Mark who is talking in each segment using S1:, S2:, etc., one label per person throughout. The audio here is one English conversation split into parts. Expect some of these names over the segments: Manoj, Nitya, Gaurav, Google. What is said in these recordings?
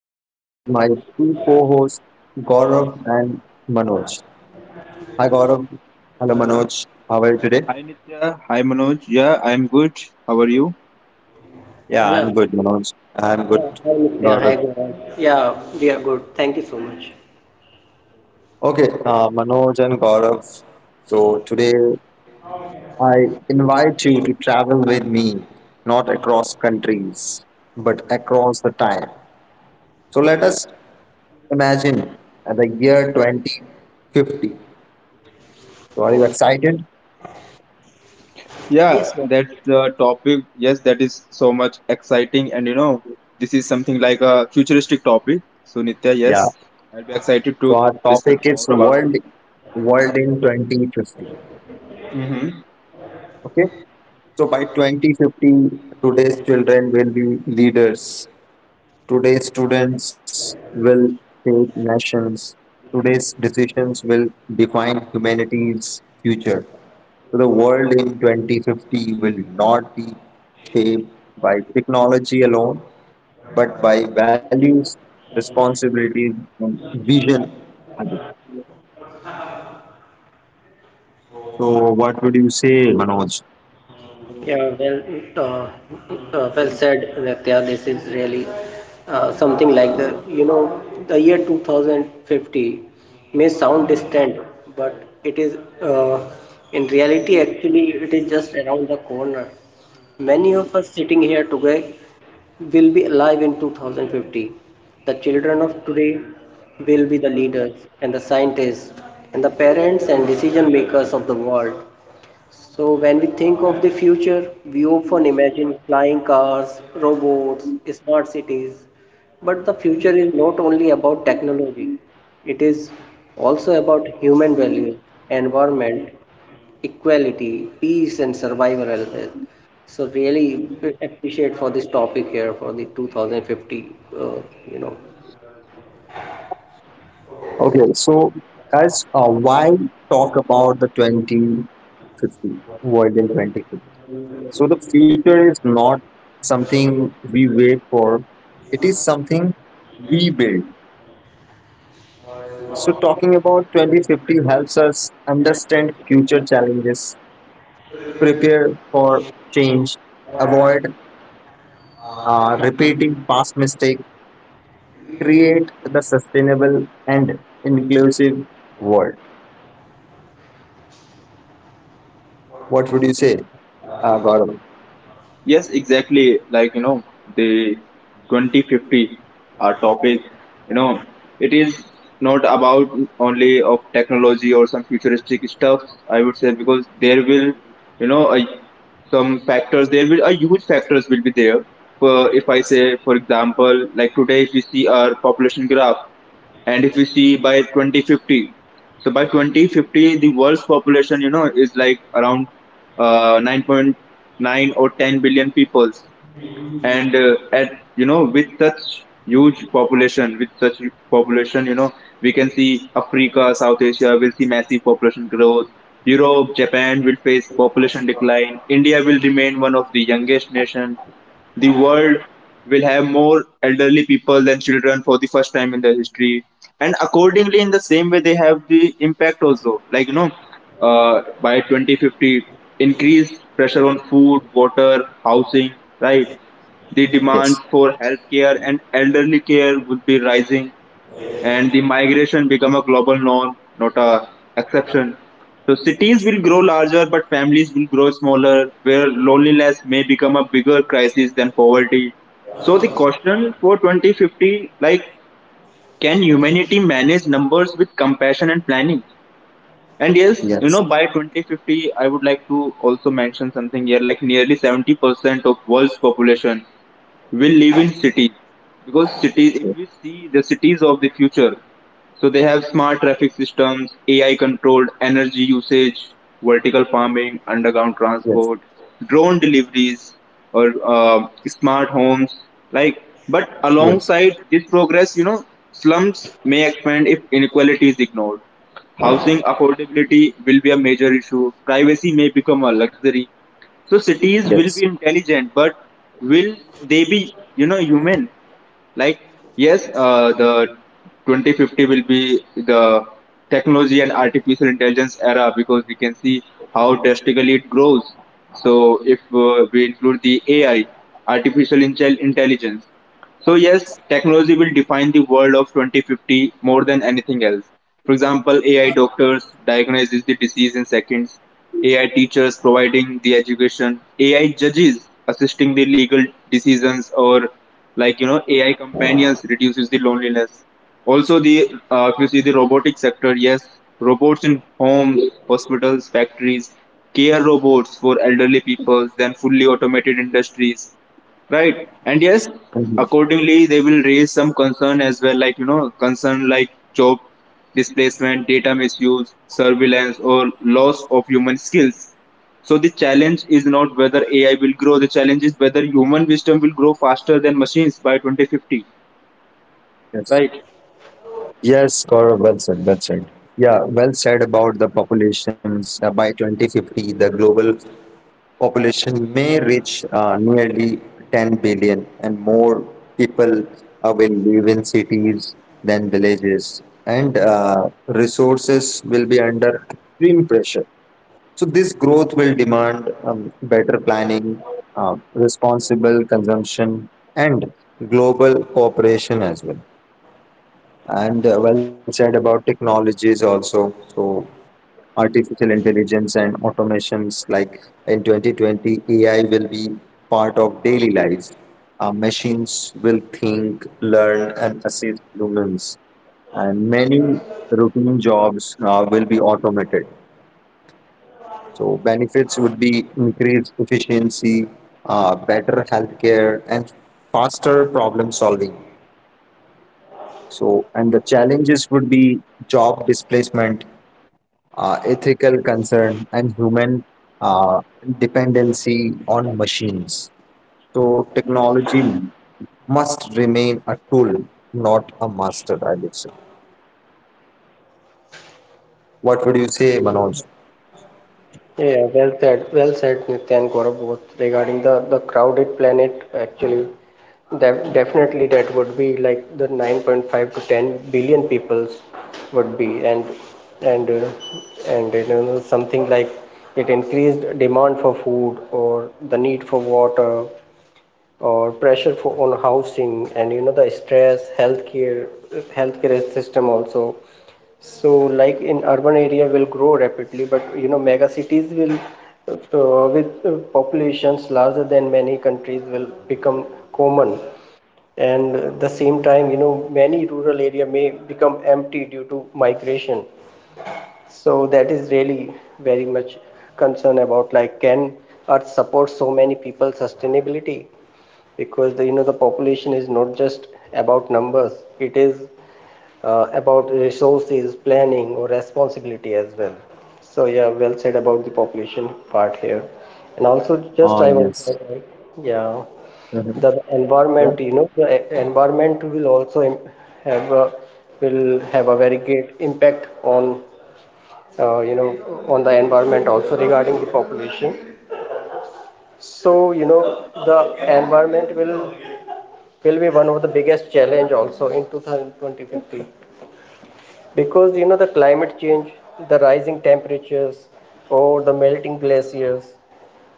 S1: with my two co hosts Gaurav and Manoj. Hi Gaurav. Hello Manoj, how are you today?
S2: Hi Nitya, hi Manoj. Yeah, I'm good. How are you?
S1: Yeah,
S3: Yeah.
S1: I'm good, Manoj. I'm good,
S3: Yeah.
S1: Gaurav.
S3: Hi, Gaurav. Yeah, we are good. Thank you so much.
S1: Okay, Manoj and Gaurav. So today I invite you to travel with me, not across countries, but across the time. So let us imagine the year 2050. So are you excited?
S2: Yeah,
S3: Yes.
S2: that's the topic. Yes, that is so much exciting, and this is something like a futuristic topic. So Nitya,
S1: Yeah.
S2: yes, I'll be excited
S1: So our
S2: to discuss
S1: topic is
S2: more about this.
S1: world in 2050.
S2: Hmm.
S1: Okay. So by 2050, today's children will be leaders. Today's students will shape nations. Today's decisions will define humanity's future. So the world in 2050 will not be shaped by technology alone, but by values, responsibilities, and vision. So what would you say, Manoj?
S3: Yeah, well, uh, well said, Nitya. This is really something like the year 2050 may sound distant, but it is, uh, in reality, actually, it is just around the corner. Many of us sitting here today will be alive in 2050. The children of today will be the leaders and the scientists and the parents and decision makers of the world. So when we think of the future, we often imagine flying cars, robots, smart cities. But the future is not only about technology, it is also about human values, environment, equality, peace, and survival as well. So really appreciate for this topic here for the 2050, uh, you know,
S1: Okay, so guys, why talk about the 2050, world in 2050? So the future is not something we wait for; it is something we build. So talking about 2050 helps us understand future challenges, prepare for change, avoid repeating past mistakes, create the sustainable and inclusive world. What would you say, Gaurav?
S2: Yes, exactly. Like, the 2050 topic, you know, it is not about only of technology or some futuristic stuff, I would say, because there will, you know, a, some factors, there will, a huge factors will be there. For, if I say, for example, like today, if you see our population graph, and if we see by 2050, so by 2050 the world's population is like around 9.9 or 10 billion peoples. And at you know with such huge population, with such population, we can see Africa, South Asia will see massive population growth. Europe, Japan will face population decline. India will remain one of the youngest nation. The world will have more elderly people than children for the first time in their history. And accordingly, in the same way, they have the impact also, like, by 2050, increased pressure on food, water, housing. Right? The demand
S1: Yes.
S2: for healthcare and elderly care would be rising, and the migration become a global norm, not a exception. So cities will grow larger, but families will grow smaller, where loneliness may become a bigger crisis than poverty. So the question for 2050, like, can humanity manage numbers with compassion and planning? And yes,
S1: Yes,
S2: by 2050, I would like to also mention something here, like nearly 70% of world's population will live in cities, because cities if we
S1: yes,
S2: see the cities of the future, so they have smart traffic systems, ai controlled energy usage, vertical farming, underground transport,
S1: yes,
S2: drone deliveries, or smart homes. Like, but
S1: yes,
S2: alongside this progress, slums may expand if inequality is ignored. Housing affordability will be a major issue, privacy may become a luxury. So cities
S1: yes,
S2: will be intelligent, but will they be, human? Like, yes, the 2050 will be the technology and artificial intelligence era, because we can see how drastically it grows. So if we include the AI, artificial intelligence, so yes, technology will define the world of 2050 more than anything else. For example, AI doctors diagnoses the disease in seconds, AI teachers providing the education, AI judges assisting the legal decisions, or like AI companions reduces the loneliness. Also the if you see the robotic sector, yes, robots in homes, hospitals, factories, care robots for elderly people, then fully automated industries. Right. And yes,
S1: mhm,
S2: accordingly, they will raise some concern as well, like, concern like job displacement, data misuse, surveillance, or loss of human skills. So the challenge is not whether AI will grow, the challenge is whether human wisdom will grow faster than machines by 2050.
S1: yes.
S2: Right.
S1: Yes, Gaurav, well said, well said. Yeah, well said about the populations. By 2050, the global population may reach nearly 10 billion, and more people will live in cities than villages, and resources will be under extreme pressure. So this growth will demand better planning, responsible consumption, and global cooperation as well. And well said about technologies also. So artificial intelligence and automations like in 2020, AI will be part of daily life. Machines will think, learn, and assist humans, and many routine jobs will be automated. So benefits would be increased efficiency, better healthcare, and faster problem solving. So and the challenges would be job displacement, ethical concern, and human uh, dependency on machines. So technology must remain a tool, not a master, I would say. What would you say, Manoj?
S3: Yeah, well said, Nitya and Gaurav, both regarding the crowded planet. Actually, that definitely that would be like the 9.5 to 10 billion peoples would be, and uh, and you know, something like it increased demand for food or the need for water or pressure for on housing and you know the stress, healthcare, healthcare system also. So, like in urban area will grow rapidly, but you know, mega cities will, with populations larger than many countries, will become common. And at the same time, you know, many rural area may become empty due to migration. So that is really very much concern about, like, can Earth support so many people sustainability? Because the, you know, the population is not just about numbers; it is about resources, planning, or responsibility as well. So yeah, well said about the population part here, and also
S1: Ah,
S3: just I want
S1: yes.
S3: to highlight, yeah,
S1: Mhm.
S3: the
S1: Yeah.
S3: environment. You know, environment will also have a, will have a very great impact on, you know, on the environment also regarding the population. So you know the environment will be one of the biggest challenge also in 2050, because you know the climate change, the rising temperatures or the melting glaciers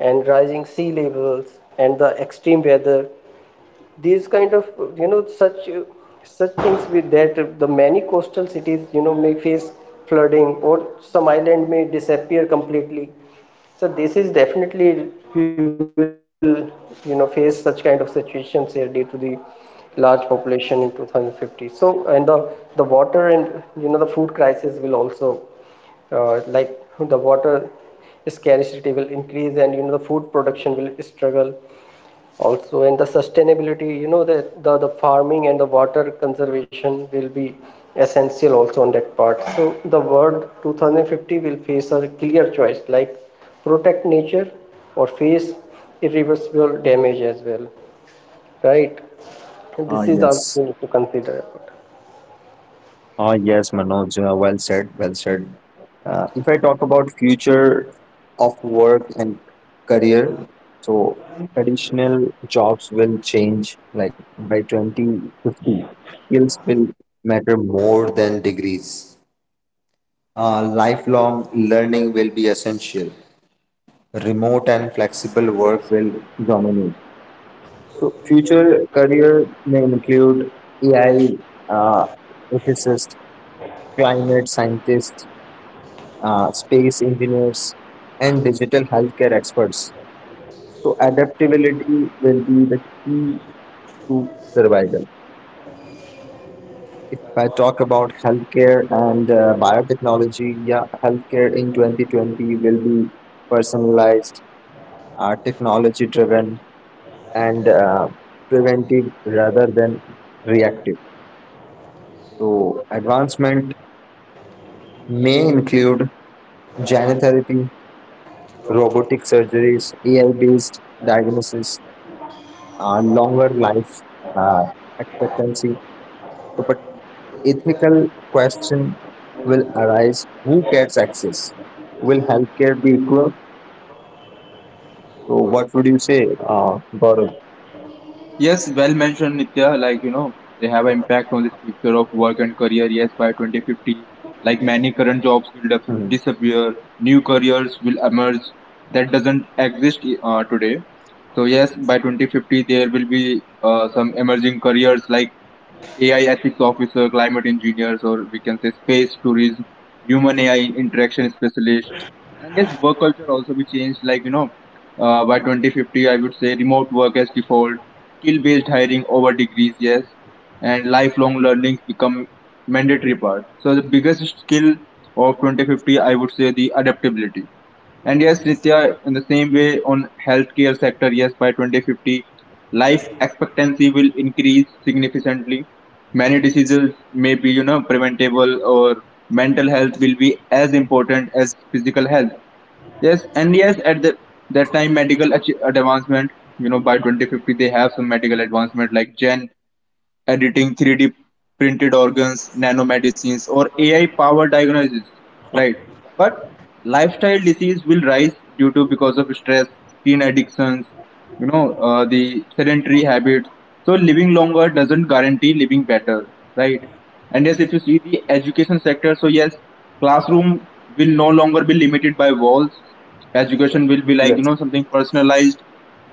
S3: and rising sea levels and the extreme weather, these kind of, you know, such things, with that the many coastal cities, you know, may face flooding or some island may disappear completely. So this is definitely we will, you know, face such kind of situations here due to the large population in 2050. So and the water and you know the food crisis will also, like, the water scarcity will increase and you know the food production will struggle also, and the sustainability, you know, that the farming and the water conservation will be essential also on that part. So the world 2050 will face a clear choice, like protect nature or face irreversible damage as well, right? And
S1: Ah,
S3: this is also
S1: yes.
S3: we need to consider.
S1: Ah, yes, Manoj, well said, well said. If I talk about future of work and career, so traditional jobs will change like by 2050. Skills will matter more than degrees. Lifelong learning will be essential. Remote and flexible work will dominate. So future career may include AI, uh, ethicist, climate scientist, space engineers, and digital healthcare experts. So, adaptability will be the key to survival. If I talk about healthcare and biotechnology, yeah, healthcare in 2020 will be personalized, technology driven, and preventive rather than reactive. So, advancement may include gene therapy, robotic surgeries, AI based diagnosis, longer life uh, expectancy. So, but ethical question will arise: Who gets access? Will healthcare be equal? So, what would you say, Gaurav?
S2: Yes, well mentioned, Nitya. Like, they have an impact on the future of work and career. Yes, by 2050, like many current jobs
S1: Mhm.
S2: will disappear, new careers will emerge that doesn't exist today. So yes, by 2050, there will be some emerging careers like AI ethics officer, climate engineers, or we can say space tourism, human AI interaction specialist. I guess work culture also be changed, like, by 2050, I would say remote work as default, skill based hiring over degrees, yes, and lifelong learning become mandatory part. So, the biggest skill of 2050, I would say the adaptability. And yes, Nitya, in the same way on healthcare sector, yes, by 2050, life expectancy will increase significantly. Many diseases may be, preventable, or mental health will be as important as physical health. Yes, and yes, at the that time, medical advancement. By 2050, they have some medical advancement like Gen editing, 3D printed organs, nanomedicines, or AI-powered diagnosis, right? But lifestyle disease will rise due to because of stress, teen addictions, the sedentary habits. So living longer doesn't guarantee living better, right? And yes, if you see the education sector, so yes, classroom will no longer be limited by walls. Education will
S1: Yes,
S2: be like something personalized.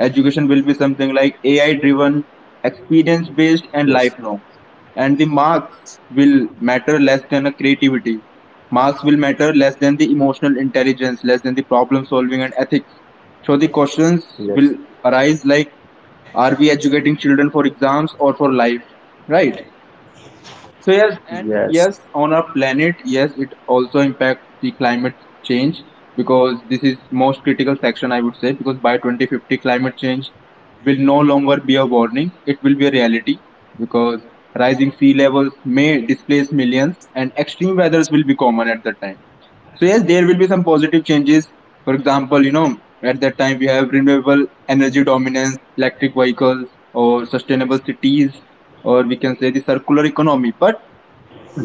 S2: Education will be something like AI driven, experience based,
S1: yes,
S2: and lifelong. And the marks will matter less than a creativity. Marks will matter less than the emotional intelligence, less than the problem solving and ethics. So the questions
S1: yes,
S2: will arise like, are we educating children for exams or for life? Right? So yes,
S1: yes,
S2: and yes, on our planet, yes, it also impacts the climate change, because this is most critical section I would say, because by 2050 climate change will no longer be a warning, it will be a reality, because rising sea levels may displace millions and extreme weathers will be common at that time. So yes, there will be some positive changes. For example, at that time we have renewable energy dominance, electric vehicles, or sustainable cities, or we can say the circular economy. But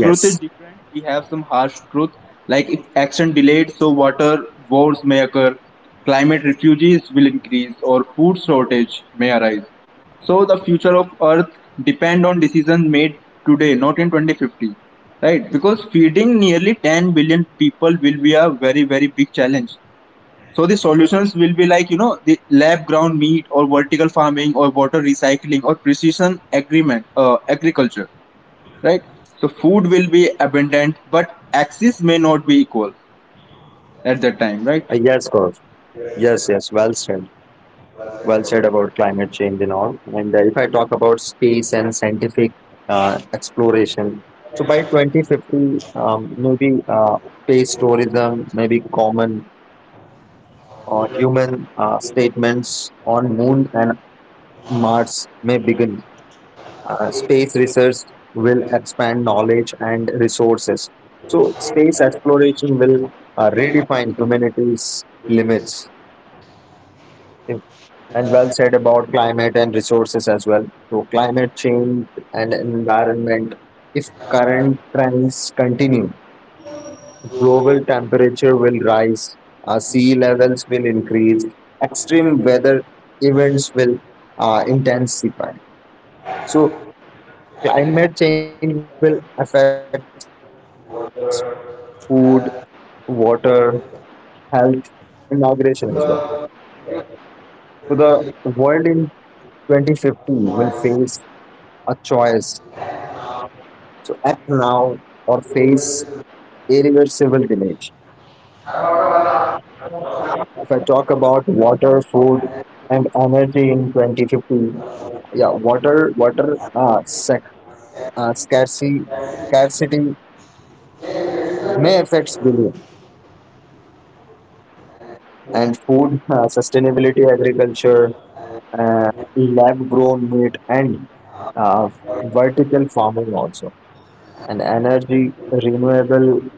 S2: truth is different. We have some harsh truth, like if action delayed, so water wars may occur, climate refugees will increase, or food shortage may arise. So the future of Earth depend on decisions made today, not in 2050, right? Because feeding nearly 10 billion people will be a very very big challenge. So the solutions will be like the lab ground meat, or vertical farming, or water recycling, or precision agreement agriculture, right? So food will be abundant, but access may not be equal at that time, right?
S1: yes, Gaurav. Yes, yes. Well said. Well said about climate change and all. And if I talk about space and scientific exploration, so by 2050, maybe space tourism may be common. Or human statements on moon and mars may begin. Uh, space research will expand knowledge and resources. So space exploration will redefine humanity's limits. If- and well said about climate and resources as well. So climate change and environment, if current trends continue, global temperature will rise, sea levels will increase, extreme weather events will intensify. So, climate change will affect food, water, health, and migration as well. So, the world in 2050 will face a choice to act now or face irreversible damage. If I talk about water, food, and energy in 2050, yeah, water water sec, scarcity scarcity may affect billion, and food, sustainability agriculture, uh, lab grown meat, and uh, vertical farming also. And energy, renewable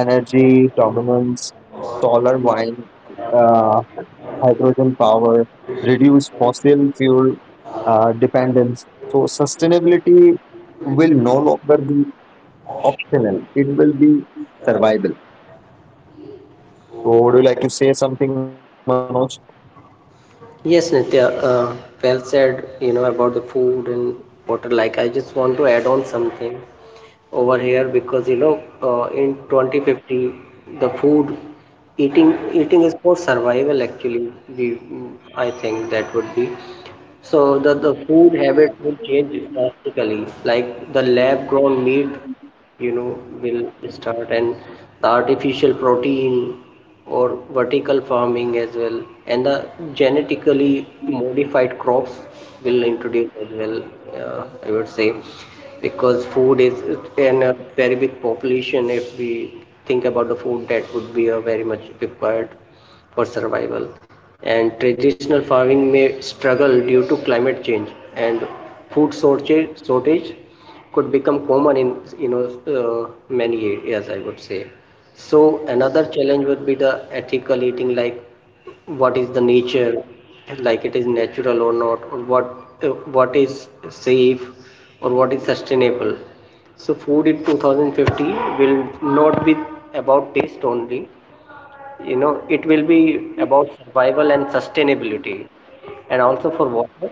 S1: energy dominance, solar wind, uh, hydrogen power, reduce fossil fuel dependence. So sustainability will no longer be optional. It will be survival. So, would you like to say something, Manoj?
S3: Yes, Nitya, well said, you know, about the food and water. Like, I just want to add on something over here, because you know, in 2050, the food, eating is for survival. Actually, we, I think that would be, so the food habits will change drastically. Like the lab grown meat, you know, will start, and the artificial protein or vertical farming as well. And the genetically modified crops will introduce as well, I would say, because food is in a very big population. If we think about the food, that would be a very much required for survival, and traditional farming may struggle due to climate change, and food shortage could become common in, you know, uh, many areas, I would say. So another challenge would be the ethical eating, like what is the nature, like it is natural or not, or what, uh, what is safe or what is sustainable. So food in 2050 will not be about taste only, you know, it will be about survival and sustainability. And also for water,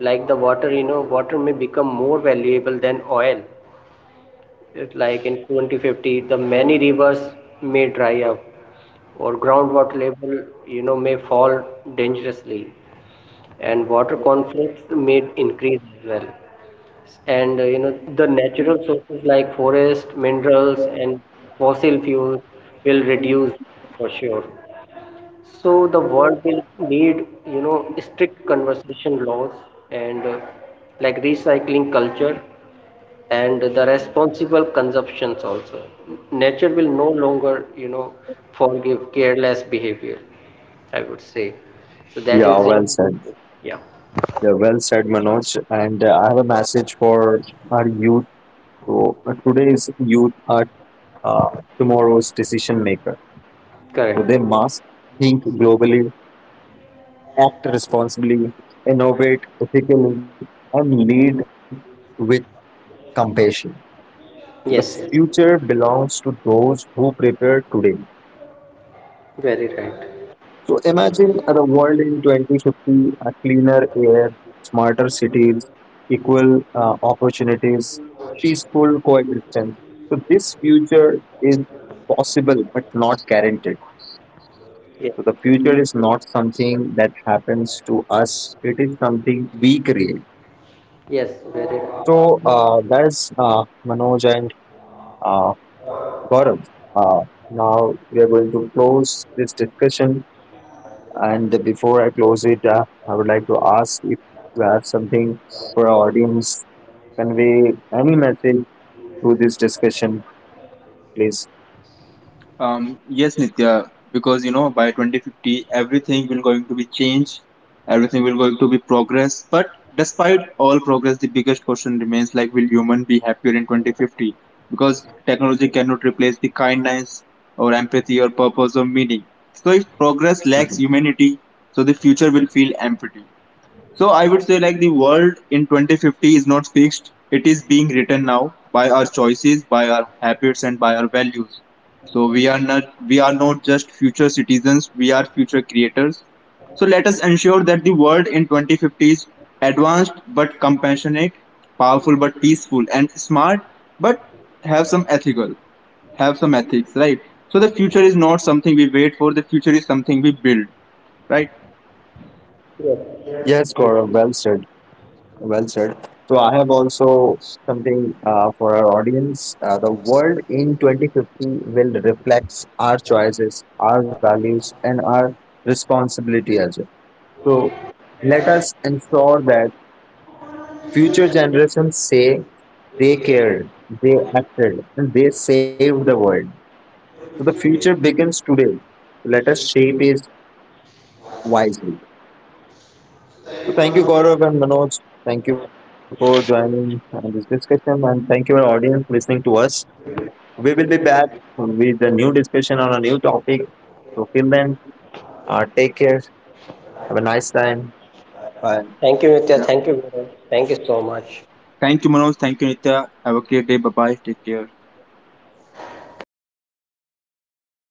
S3: like the water, you know, water may become more valuable than oil. It's like in 2050, the many rivers may dry up, or groundwater level, you know, may fall dangerously, and water conflicts may increase as well. And, you know, the natural sources like forest, minerals, and fossil fuels will reduce for sure. So the world will need, you know, strict conservation laws and, like recycling culture and the responsible consumptions also. Nature will no longer, you know, forgive careless behavior, I would say. So that
S1: Yeah,
S3: is
S1: well
S3: it.
S1: said.
S3: Yeah,
S1: Yeah, well said, Manoj. And I have a message for our youth. So, today's youth are uh, tomorrow's decision maker. So,
S3: correct.
S1: they must think globally, act responsibly, innovate ethically, and lead with compassion. So, the
S3: Yes, yes.
S1: future belongs to those who prepare today.
S3: Very right.
S1: So imagine the world in 2050, a cleaner air, smarter cities, equal opportunities, peaceful coexistence. So this future is possible but not guaranteed.
S3: Yes,
S1: So the future is not something that happens to us. It is something we create.
S3: yes, very right.
S1: So that's Manoj and uh, Gaurav. Uh, Now we are going to close this discussion. And before I close it, I would like to ask if you have something for our audience, convey any message through this discussion, please.
S2: Yes, Nitya, because by 2050 everything will going to be changed, everything will going to be progress. But despite all progress, the biggest question remains like, will human be happier in 2050? Because technology cannot replace the kindness, or empathy, or purpose, or meaning. So if progress
S1: Mhm.
S2: lacks humanity, so the future will feel empty. So I would say like the world in 2050 is not fixed. It is being written now by our choices, by our habits and by our values. So we are not just future citizens, we are future creators. So let us ensure that the world in 2050 is advanced but compassionate, powerful but peaceful and smart but have some ethical, have some ethics, right? So the future is not something we wait for, the future is something we build, right?
S1: Yes, Gaurav, well said. Well said. So I have also something for our audience. The world in 2050 will reflect our choices, our values, and our responsibility as well. So let us ensure that future generations say they cared, they acted, and they saved the world. So the future begins today. So, let us shape it wisely. So thank you, Gaurav and Manoj. Thank you for joining this discussion, and thank you, our audience, listening to us. We will be back with a new discussion on a new topic. So till then, take care. Have a nice time. Bye.
S3: Thank you, Nitya.
S2: Yeah.
S3: Thank you, Gaurav. Thank you so much.
S2: Thank you, Manoj. Thank you, Nitya. Have a great day. Bye bye. Take care.